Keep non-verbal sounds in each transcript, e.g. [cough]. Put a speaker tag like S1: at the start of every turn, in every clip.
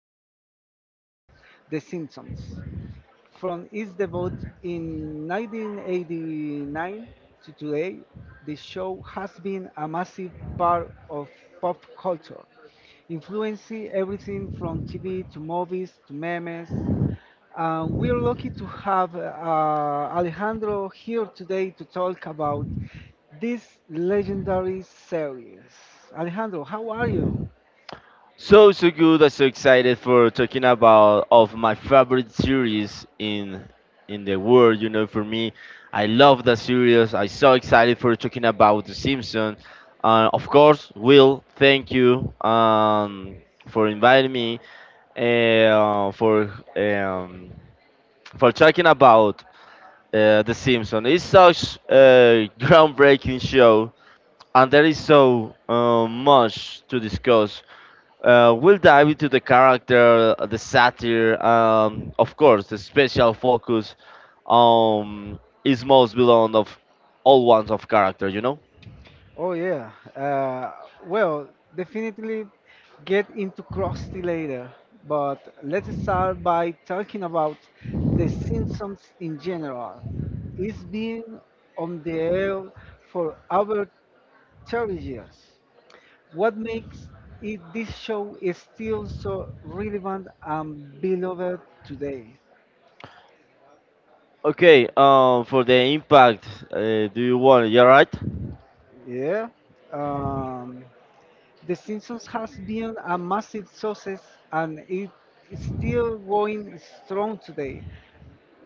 S1: of all time, The Simpsons. From its debut in 1989 to today, the show has been a massive part of pop culture, influencing everything from TV to movies to memes. We're lucky to have Alejandro here today to talk about this legendary series. Alejandro, how are you?
S2: So good. I'm so excited for talking about of my favorite series in the world. You know, for me, I love the series. I'm so excited for talking about The Simpsons. Of course, Will, thank you for inviting me uh, for um, for talking about The Simpsons. It's such a [laughs] groundbreaking show, and there is so much to discuss, we'll dive into the character, the satire, of course, the special focus um, is most belong of all ones of character, you know?
S1: Oh yeah. Well, definitely get into Krusty later, but let's start by talking about The Simpsons in general. It's been on the air for over 30 years. What makes it this show is still so relevant and beloved today?
S2: Okay, for the impact, uh, do you want it? Are right?
S1: Yeah. Um, the Simpsons has been a massive success and it is still going strong today.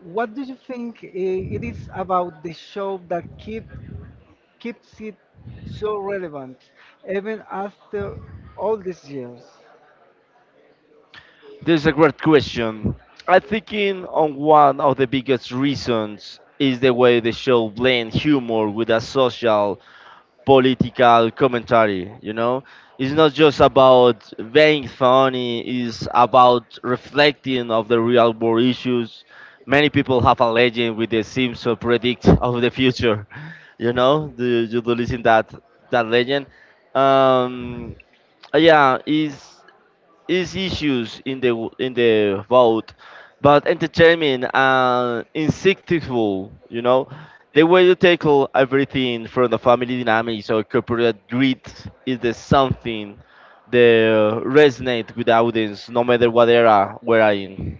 S1: What do you think it is about the show that keeps it so relevant even after all these years?
S2: This is a great question. I think in on one of the biggest reasons is the way the show blends humor with a social political commentary, you know, it's not just about being funny, it's about reflecting of the real world issues. Many people have a legend with the simpson predict [laughs] of the future. [laughs] You know, do you do listen that that legend, um yeah, is issues in the vote, but entertaining and insightful. You know, the way you tackle everything from the family dynamics or corporate greed is the something that resonate with the audience, no matter what era we're in.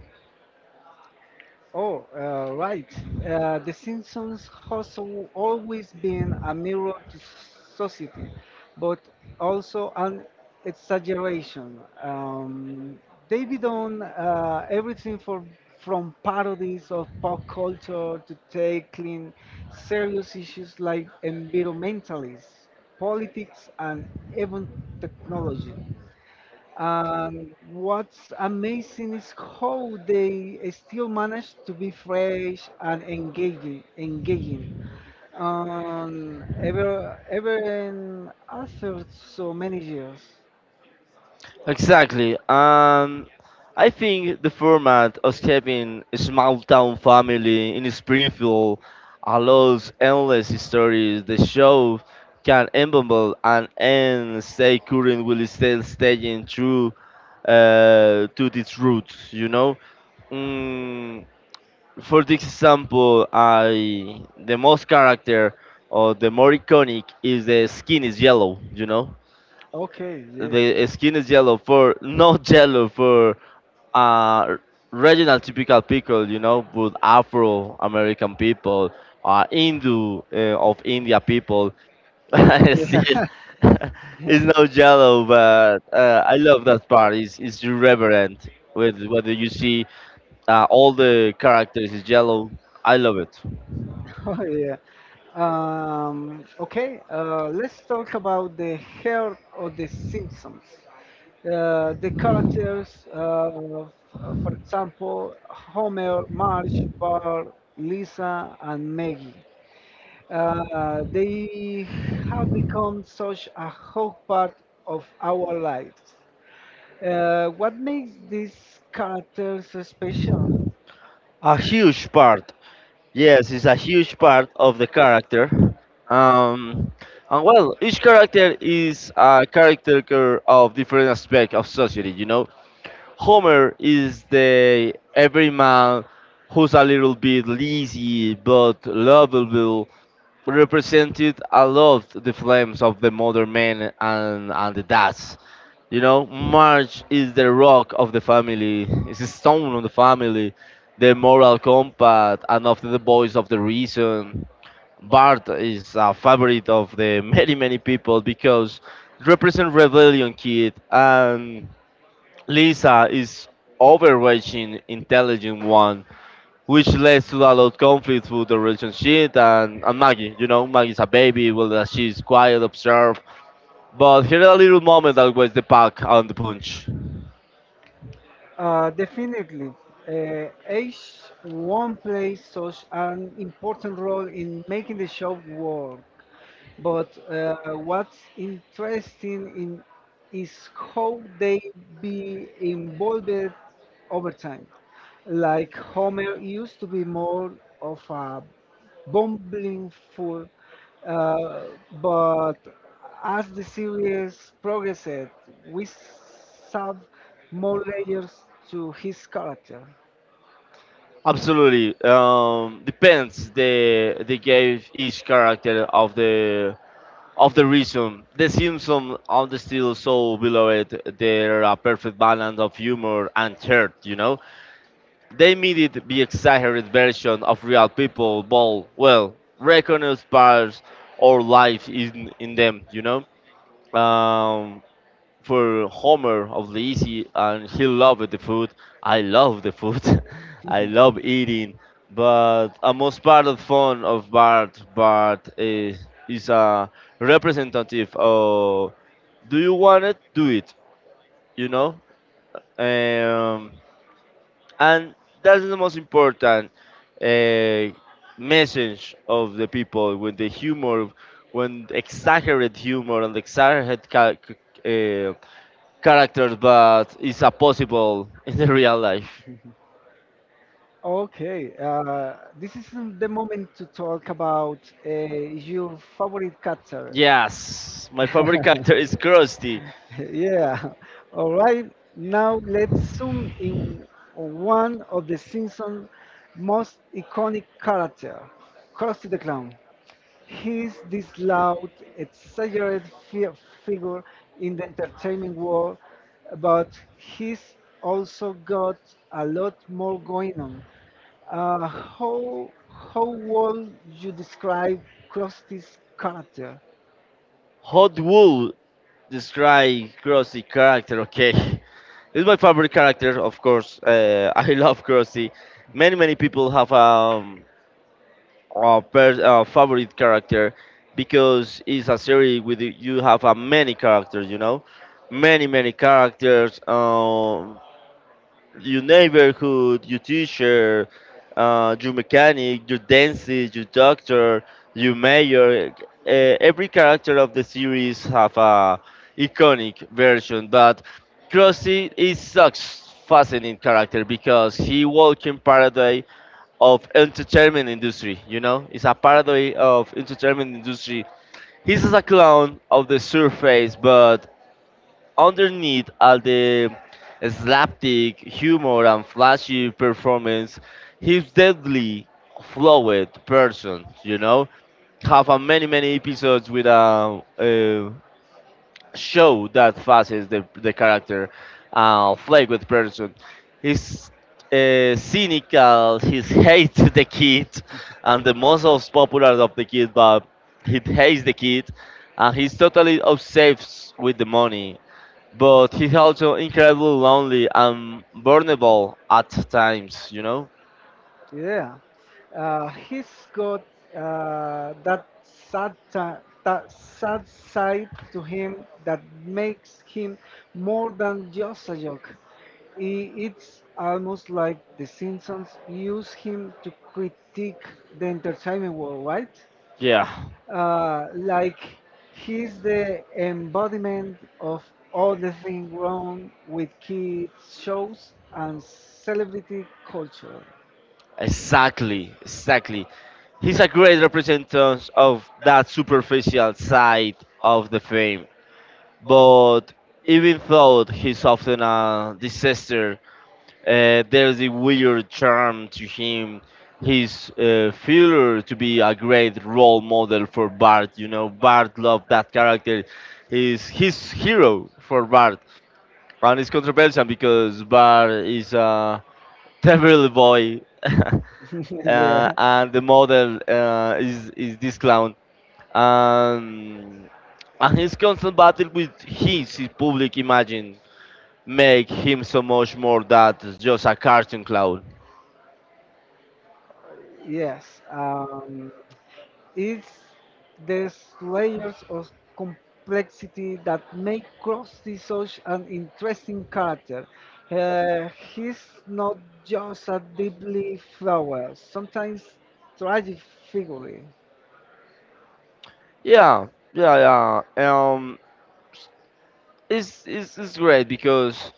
S1: Oh, right. The Simpsons has always been a mirror to society, but also an exaggeration. They've done everything from parodies of pop culture to tackling serious issues like environmentalism, politics, and even technology. What's amazing is how they still manage to be fresh and engaging. Ever and after so many years.
S2: Exactly. I think the format of having a small town family in Springfield allows endless stories. The show can evolve and end, stay current while still staying true to its roots. You know. Mm, for this example, I the most character or the more iconic is the skin is yellow. You know. The skin is yellow for not [laughs] yellow for uh regional typical people, you know, with Afro American people, Hindu of India people. [laughs] I see it.
S1: [laughs]
S2: [laughs]
S1: Yeah.
S2: It's not yellow, but I love that part. It's irreverent with whether you see all the characters is yellow. I love it.
S1: [laughs] Oh, yeah. Okay, let's talk about the heart of the Simpsons. The characters, of- for example, Homer, Marge, Bart, Lisa, and Maggie. They have become such a whole part of our lives. What makes these characters special?
S2: A huge part Yes, it's a huge part of the character. Um, and well, each character is a character of different aspect of society. You know, Homer is the everyman who's a little bit lazy but lovable, represented a lot the flames of the modern man and the dads. You know, March is the rock of the family. It's a stone of the family, the moral compass, and of the voice of the reason. Bart is a favorite of the many many people because it represents rebellion kid, and Lisa is overreaching intelligent one, which leads to a lot of conflict with the relationship and Maggie. You know, Maggie's a baby, well, she's quiet, observed, but here a little moment that was the pack and the punch.
S1: Definitely. Age won't play such an important role in making the show work. But what's interesting in is how they be involved over time. Like Homer used to be more of a bumbling fool, uh, but as the series progressed, we saw more layers to his character.
S2: Absolutely. Depends. They gave each character of the reason. The Simpsons on the still so beloved. They're a perfect balance of humor and heart. You know, they made it the exaggerated version of real people. But well, recognized parts or life in them. You know. Um, for Homer of Lizzie, and he loved the food. I love the food. [laughs] I love
S1: [laughs]
S2: eating. But a most part of fun of Bart, Bart is a representative of do you want it? Do it. You know, um, and that's the most important uh, message of the people with the humor, when exaggerate humor and exaggerate characters, but it's a possible in the [laughs] real life.
S1: Okay, this is the moment to talk about your favorite character. [laughs]
S2: Yes, my favorite character is Krusty.
S1: Yeah, all right. Now let's zoom in on one of the Simpsons' most iconic character, Krusty the Clown. He is this loud, exaggerated figure in the entertainment world, but he's also got a lot more going on. Uh, how how would you describe Krusty's character?
S2: How would describe Krusty character? Okay, [laughs] this is my favorite character, of course. [laughs] I love Krusty. Many many people have a favorite character because it's a series with you have a many characters. You know, many many characters. Your neighborhood, your teacher, your mechanic, your dentist, your doctor, your mayor. Every character of the series have a iconic version, but Krusty is such fascinating character because he walk in paradise of entertainment industry. You know, it's a paradise of entertainment industry. He's a clown of the surface, but underneath all the slapstick humor and flashy performance, he's deadly flawed person, you know? Have a many, many episodes with a show that faces the character, flawed person. He's cynical, he hates the kid, and the most popular of the kid, but he hates the kid, and he's totally obsessed with the money, but he's also incredibly lonely and vulnerable at times, you know?
S1: Yeah, he's got that that sad side to him that makes him more than just a joke. It's almost like The Simpsons use him to critique the entertainment world, right?
S2: Yeah,
S1: Like he's the embodiment of all the thing wrong with kids shows and celebrity culture.
S2: exactly. He's a great representation of that superficial side of the fame. But even though he's often a disaster, there's a weird charm to him. His failure to be a great role model for Bart, you know, Bart loved that character. He's his hero for Bart. And it's controversial because Bar is a terrible boy, [laughs]
S1: [laughs] Yeah.
S2: and the model is this clown, um, and his constant battle with his public imagine make him so much more that just a cartoon clown.
S1: Yes, it's these layers of complexity that make Krusty such an interesting character. Uh, he's not just a deeply flawed, sometimes tragic figure.
S2: Yeah, yeah. It's great because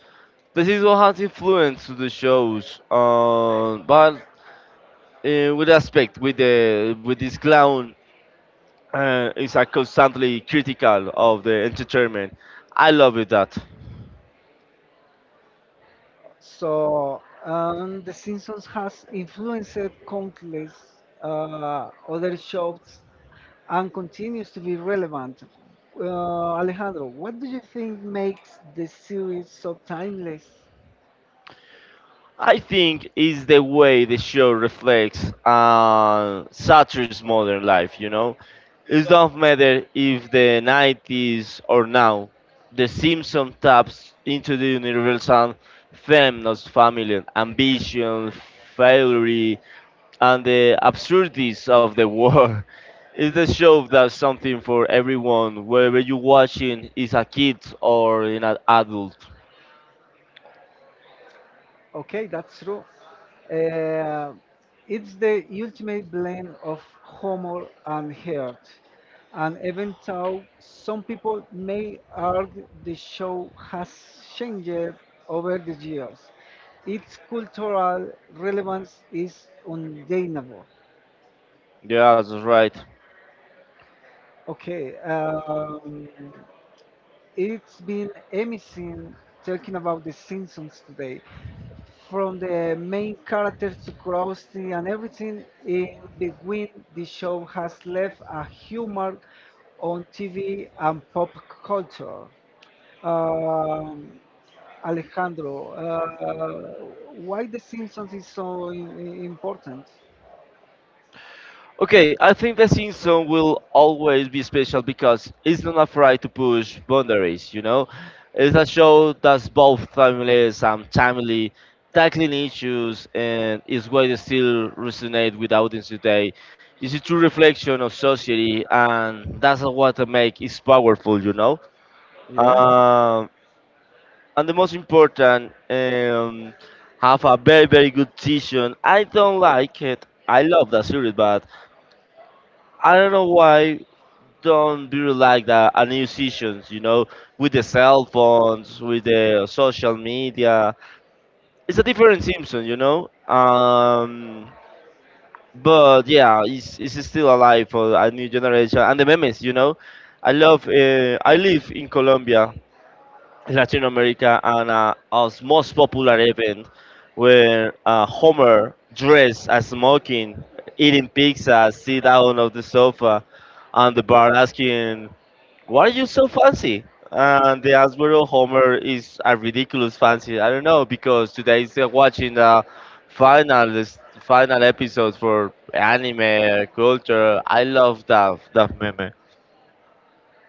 S2: the season has influence to the shows, but with aspect with the with this clown is a constantly critical of the entertainment. I love it that.
S1: So, The Simpsons has influenced countless other shows and continues to be relevant. Uh, Alejandro, what do you think makes the series so timeless?
S2: I think is the way the show reflects satire's modern life. You know, it don't matter if the '90s or now. The Simpson taps into the universal feminist family ambition, failure, and the absurdities of the war. [laughs] It's the show that's something for everyone, whether you're watching is a kid or an adult.
S1: Okay, that's true. Uh, it's the ultimate blend of humor and heart. And even though some people may argue the show has changed over the years, its cultural relevance is undeniable.
S2: Yeah, that's right.
S1: Okay, it's been amazing talking about The Simpsons today, from the main character to curiosity and everything in between, the show has left a humor on TV and pop culture. Um, Alejandro, why The Simpsons is so important?
S2: Okay, I think the Simpsons will always be special because it's not afraid to push boundaries, you know? It's a show that's both timeless and timely, tackling issues and is why they still resonate with audience today. It's a true reflection of society and that's what makes it powerful, you know?
S1: Yeah.
S2: Um, and the most important, have a very, very good season. I don't like it. I love that series, but I don't know why don't be like that a musicians, you know, with the cell phones, with the social media. It's a different Simpson, you know. But yeah, it's still alive for a new generation and the memes, you know. I love. I live in Colombia, Latin America, and our most popular event where Homer dressed as smoking, eating pizza, sit down on the sofa, and the bar asking why are you so fancy? And the Hasbro Homer is a ridiculous fancy. I don't know because today is watching the final final episodes for anime culture. I love that that meme.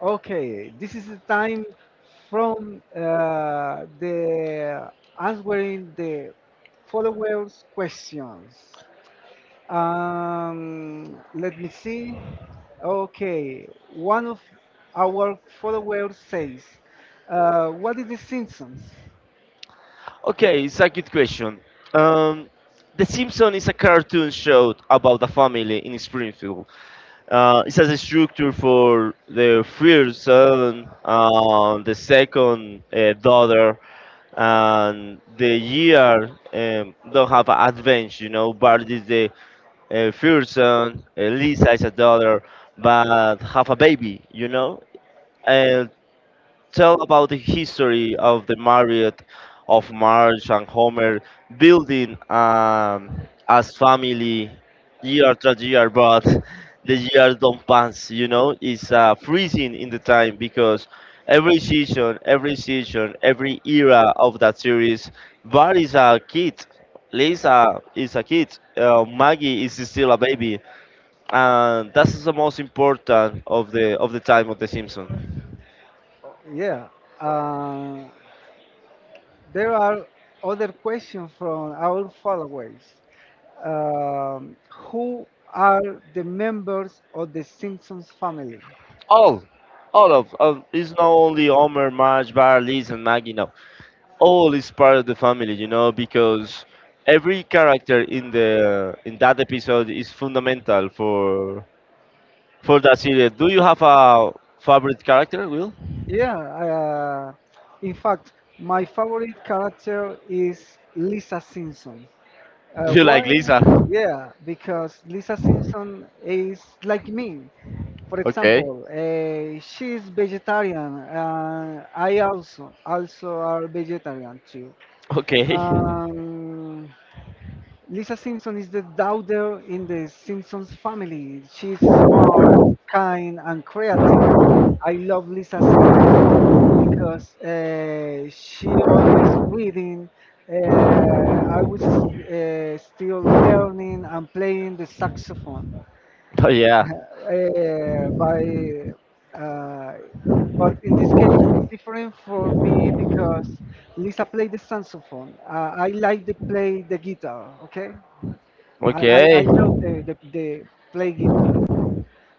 S1: Okay, this is the time from the answering the followers' questions. Let me see. Okay, one of our followers says, "What is the Simpsons?"
S2: Okay, it's a good question. Um, the Simpsons is a cartoon show about a family in Springfield. It has a structure for the first son, the second daughter, and the year don't have an advance, you know. Bart is the first son, Lisa is a daughter, but have a baby, you know. And tell about the history of the Marriott of Marge and Homer building as family year after year, but the years don't pass. You know, it's freezing in the time because every season, every era of that series, Bart is a kid, Lisa is a kid, Maggie is still a baby, and that's the most important of the time of the Simpsons.
S1: Oh, yeah. Uh, there are other questions from our followers. Who are the members of the Simpsons family?
S2: All, of it's not only Homer, Marge, Bart, Liz, and Maggie. No, all is part of the family, you know, because every character in the in that episode is fundamental for that series. Do you have a favorite character, Will?
S1: Yeah. In fact, my favorite character is Lisa Simpson.
S2: You
S1: You like
S2: like
S1: why? Like
S2: Lisa?
S1: Lisa? Yeah, because Lisa Simpson is like me. For okay
S2: Okay.
S1: example, she's vegetarian. Uh, I also are vegetarian too.
S2: Okay. [laughs]
S1: Um, Lisa Simpson is the daughter in the Simpsons family. She's smart, kind, and creative. I love Lisa Simpson because she always reading. I was still learning and playing the saxophone. [laughs]
S2: Oh yeah.
S1: By uh, but in this case, it's different for me because Lisa played the saxophone. I like to play the guitar. Okay, I, I,
S2: Okay.
S1: I love the play guitar.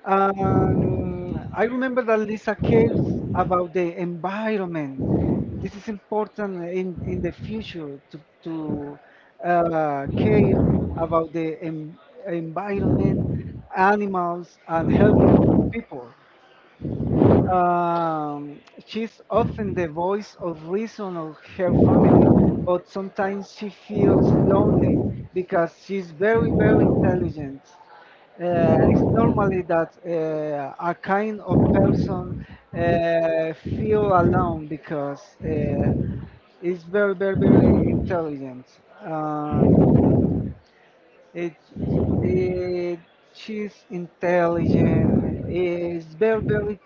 S1: I remember that Lisa cares about the environment. This is important in the future to care about the environment, animals, and helping people. Um, she's often the voice of reason of her family, but sometimes she feels lonely because she's very, very intelligent. It's normally that a kind of person feel alone because is very, very, very intelligent. Um, it's it, she's intelligent, is very very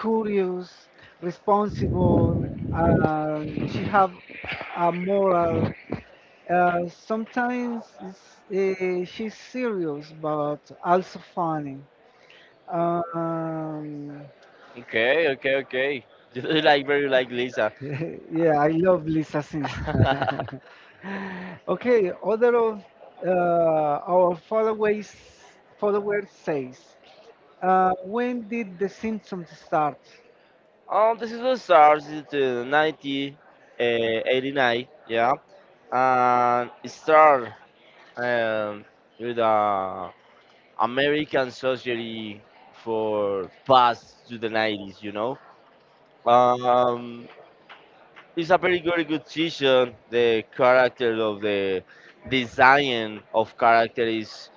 S1: curious, responsible, and she have a moral. Sometimes she's serious, but also funny. Um,
S2: Okay. [laughs] You like very like Lisa.
S1: [laughs] yeah, I love Lisa Simpson. [laughs]
S2: [laughs]
S1: Okay, other of our followers says, when did The Simpsons start?
S2: This is what starts in the 90, uh, yeah, and it started um, with American Society for past to the 90s, you know. Um, it's a very very good season. The character of the design of character is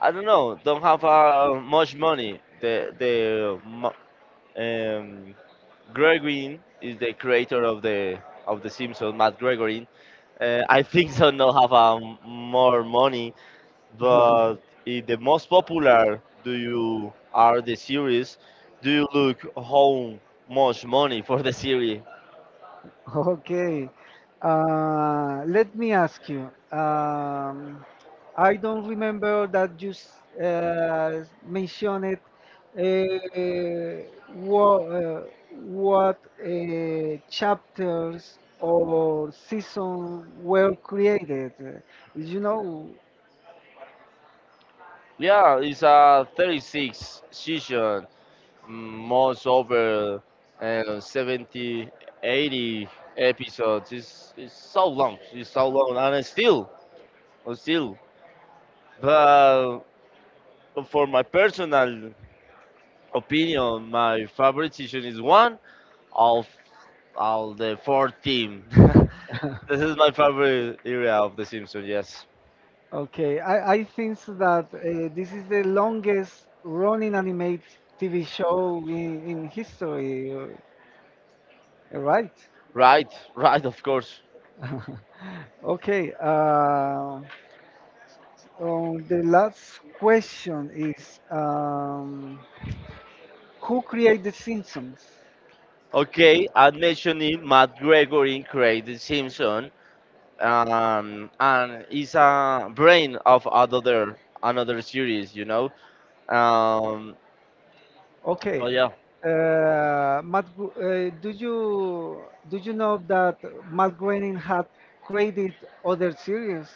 S2: I don't know. Don't have much money. Um, Gregory is the creator of the Simpsons, Matt Gregory. I think so. Not have more money, but if the most popular do you are the series. Do you look how much money for the series?
S1: [laughs] Okay. Let me ask you. I don't remember that you mentioned uh, what, uh, what chapters or seasons were created. You know,
S2: Yeah, it's a 36 season, most over 70, 80 episodes. It's so long. It's so long, and it's still. But for my personal opinion, my favorite season is one of all the four team.
S1: [laughs]
S2: [laughs] This is my favorite area of The Simpsons. Yes,
S1: okay, I think so that this is the longest running animated TV show in history, right?
S2: right, of course.
S1: [laughs] Okay, the last question is who created Simpsons?
S2: Okay, I'm mentioning Matt Gregory created The Simpson, and is a brain of another series. You know, um,
S1: Okay,
S2: oh yeah,
S1: uh, Matt, Gro- uh, do you do you know that Matt Groening had created other series?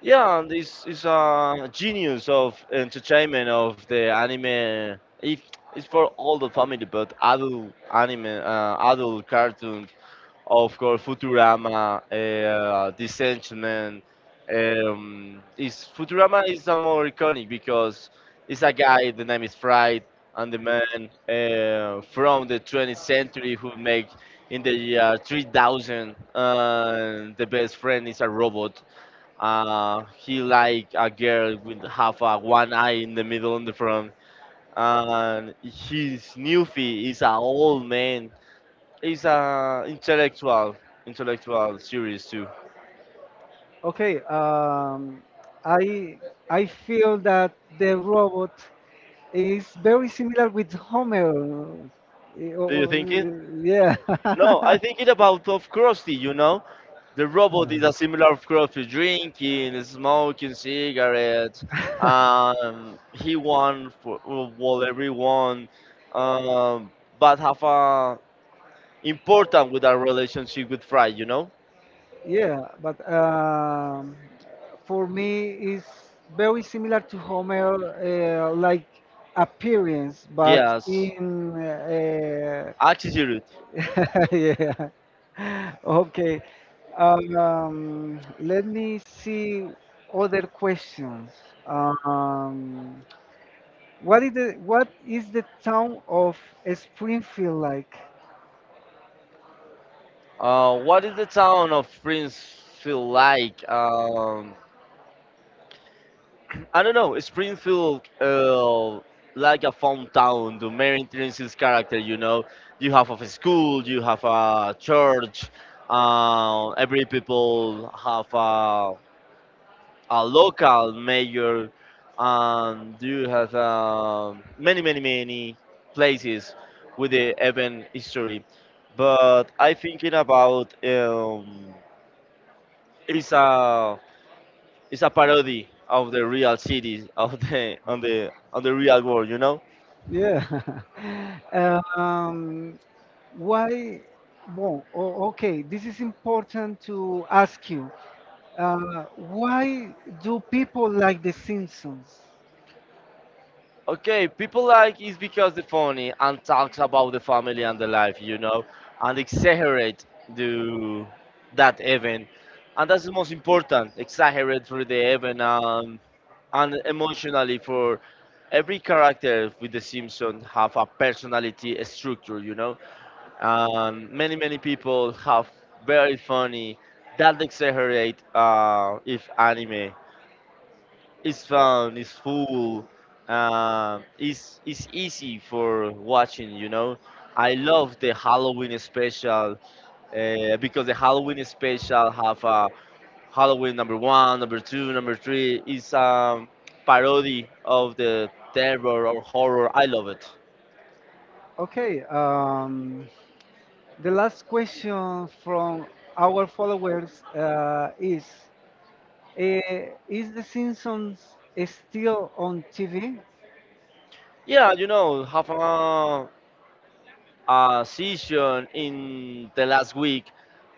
S2: yeah, and he's a genius of entertainment of the anime. If it's for all the family, but adult anime, adult cartoons, of course, Futurama, Disenchantment. Is Futurama is a more iconic because it's a guy. The name is Fried, and the man from the 20th century who make in the year 3000 the best friend is a robot he like a girl with half a one eye in the middle in the front, and his newfie is a old man. He's a intellectual, intellectual series too.
S1: Okay, I I feel that the robot is very similar with Homer. Uh,
S2: Do you
S1: uh,
S2: think it?
S1: yeah.
S2: No, I think it about of Krusty. You know,
S1: [laughs]
S2: the robot is a similar of Krusty, drinking, smoking cigarettes. He won for well everyone, um, but have a important with our relationship with Fry.
S1: Yeah, but for me is very similar to Homer, like appearance, but yeah
S2: Yes.
S1: in
S2: Altitude.
S1: [laughs] yeah. Okay. Let me see other questions. Um, what is the town of Springfield like?
S2: What is the town of Springfield like? I don't know. Springfield, like a fun town. The main entrance is character. You know, you have a school, you have a church. Every people have a local mayor, and you have many, many, many places with the event history. But I thinking about it's a it's a parody of the real cities of the on the real world, you know.
S1: Yeah. [laughs] Um, why? Well, okay, this is important to ask you. Why do people like The Simpsons?
S2: Okay, people like is because they're funny and talks about the family and the life, you know, and exaggerate the that event, and that's the most important. Exaggerate for the event and emotionally for every character with the Simpsons have a personality a structure, you know, and many many people have very funny that exaggerate if anime it's fun. It's full. It's easy for watching. You know, I love the Halloween special because the Halloween special have Halloween number one, number two, number three. It's parody of the terror or horror. I love it.
S1: Okay, the last question from our followers is is The Simpsons still on TV?
S2: Yeah, you know, have a session in the last week.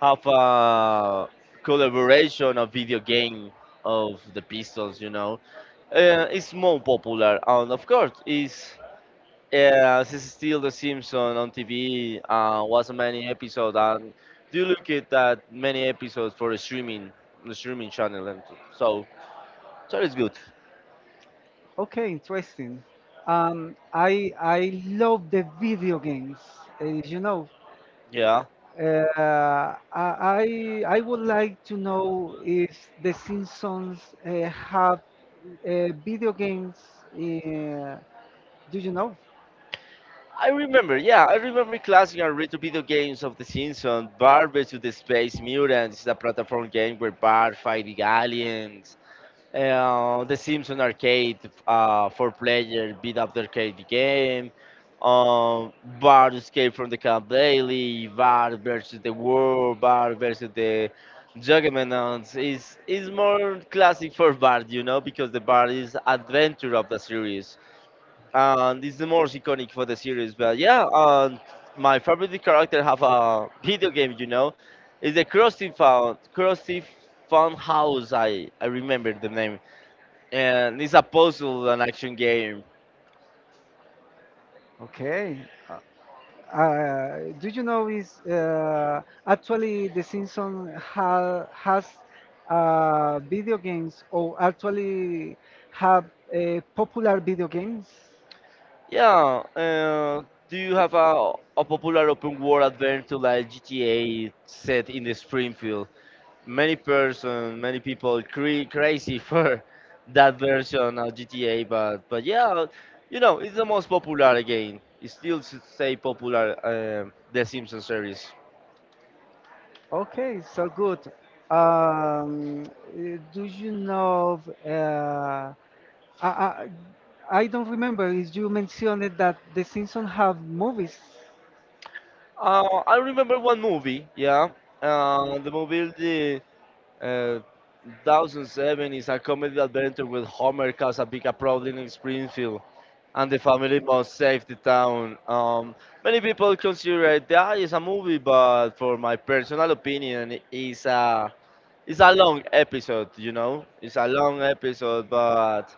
S2: Have a collaboration of video game of the Pistols, you know. Is more popular, and of course, is this is still The Simpsons on TV. Was many episodes, and do you look at that many episodes for the streaming channel, and so so it's good.
S1: Okay, interesting. I love the video games. You know,
S2: Yeah,
S1: I would like to know if the Simpsons have video games. Uh, do you know?
S2: I remember. Yeah, I remember classic and retro video games of The Simpsons. Bart vs. the Space Mutants is a platform game where Bart fighting aliens. The Simpson Arcade for player beat up the arcade game, um, Bart Escape from the Camp Daily, Bart versus the World, Bart versus the Juggernaut is more classic for Bart, you know, because the Bart is adventure of the series, and it's the most iconic for the series. But yeah, my favorite character have a video game, you know, is the Krusty Fun Krusty Fun House. I remember the name and it's a puzzle and action game.
S1: Okay. Uh, do you know is actually the Simpsons ha has video games or actually have popular video games?
S2: Yeah, do you have a popular open world adventure like GTA set in the Springfield? Many person, many people crazy [laughs] for that version of GTA, but yeah, you know it's the most popular game. It still stay popular. The Simpsons series.
S1: Okay, so good. Um, do you know? Of, I, I I don't remember if you mentioned that the Simpsons have movies.
S2: I remember one movie. Yeah, the movie the. Uh, 2007 is a comedy adventure with Homer Casabica, proudly in Springfield, and the family must save the town. Many people consider it that is a movie, but for my personal opinion, it's a long episode. You know, it's a long episode, but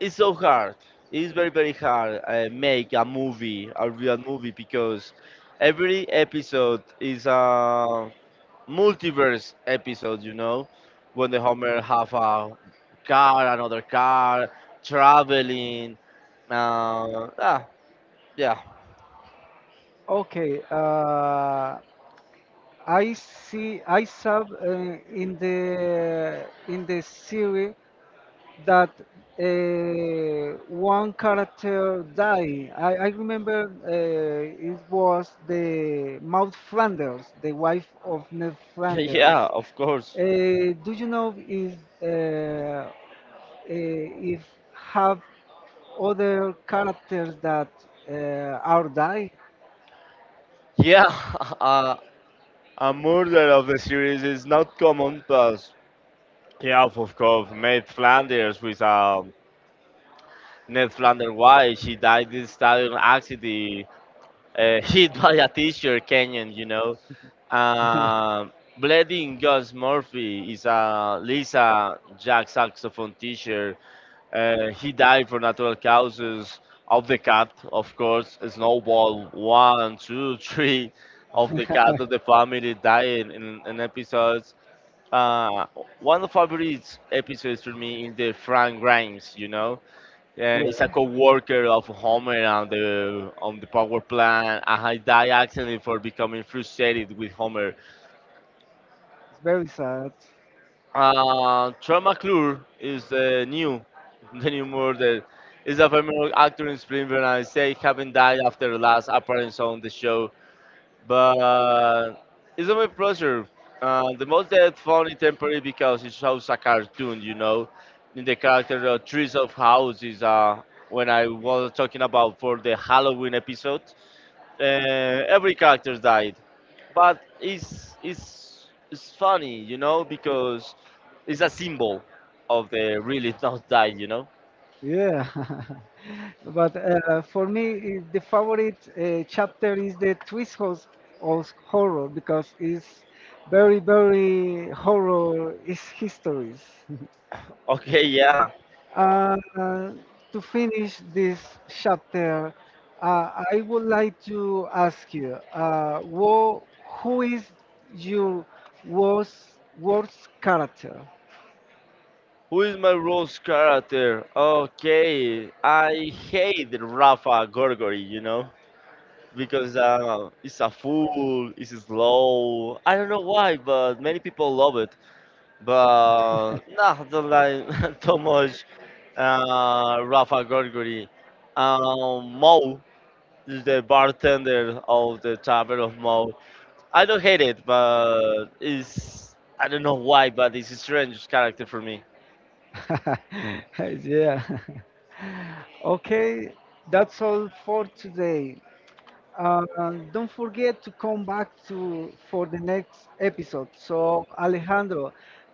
S2: it's so hard. It's very very hard make a movie, a real movie, because every episode is a multiverse episodes, you know, when the Homer have a car, another car, traveling. Uh, ah, yeah,
S1: Okay, I see. I saw in the series that one character died. I remember it was the Maud Flanders, the wife of Ned, yeah,
S2: [laughs]
S1: Flanders.
S2: yeah, of course.
S1: Uh, do you know uh, uh, if have other characters that uh, are die?
S2: Yeah, [laughs] uh, a murder of the series is not common, but yeah, of course, Ned Flanders with Ned Flanders wife, she died in a stadium accident, [laughs] hit by a teacher, Kenyan, you know. Um, Bledin Gus Murphy is a Lisa Jack saxophone teacher. He died from natural causes of the cat, of course. Snowball one, two, [laughs] three of the cat of the family died in episodes. Uh, one of favorite episodes for me is the Frank Grimes. You know,
S1: [laughs] Yeah,
S2: he's a co-worker of Homer on the power plant, and he died accidentally for becoming frustrated with Homer.
S1: it's very sad.
S2: Troy McClure is [laughs] the new murder. Is a famous actor in Springfield and say haven't died after the last appearance on the show. But it's a my pleasure. The most that funny temporary because it shows a cartoon, you know. In the character Trees of House is when I was talking about for the Halloween episode. Uh, every character died but it's funny, you know, because it's a symbol of the really [laughs] not died, you know.
S1: Yeah. [laughs] But for me, the favorite chapter is the twist house of horror because it's very, very horror is histories. [laughs]
S2: Okay, yeah.
S1: Uh, to finish this chapter, I would like to ask you, who is your worst character?
S2: Who is my Rose character? Okay, I hate Rafa Gorgori, you know, because he's a fool, he's slow. I don't know why, but many people love it. But nah, I don't like [laughs] too much Rafa Gorgori. Mo, the bartender of the Tavern of Mo. I don't hate it, but it's I don't know why, but it's a strange character for me.
S1: [laughs] Yeah. [laughs] Okay, that's all for today. Uh, don't forget to come back to for the next episode. So, Alejandro,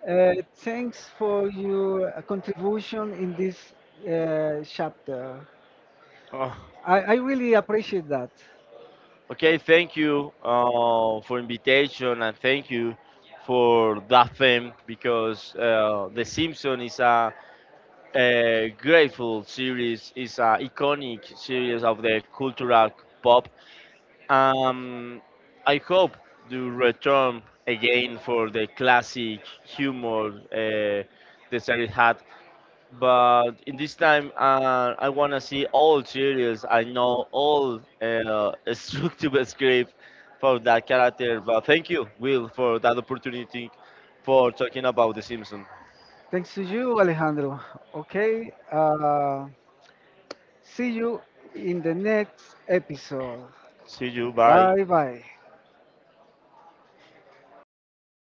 S1: thanks for your contribution in this chapter.
S2: Oh,
S1: I really appreciate that.
S2: okay, thank you for invitation and thank you for that theme because The Simpsons is a grateful series, is a iconic series of the cultural pop. Um, I hope to return again for the classic humor the series had, but in this time I want to see all series. I know all [laughs] structured script for that character. But thank you, Will, for that opportunity for talking about The Simpsons.
S1: Thanks to you, Alejandro. Okay, see you in the next episode.
S2: See you. Bye.
S1: Bye bye.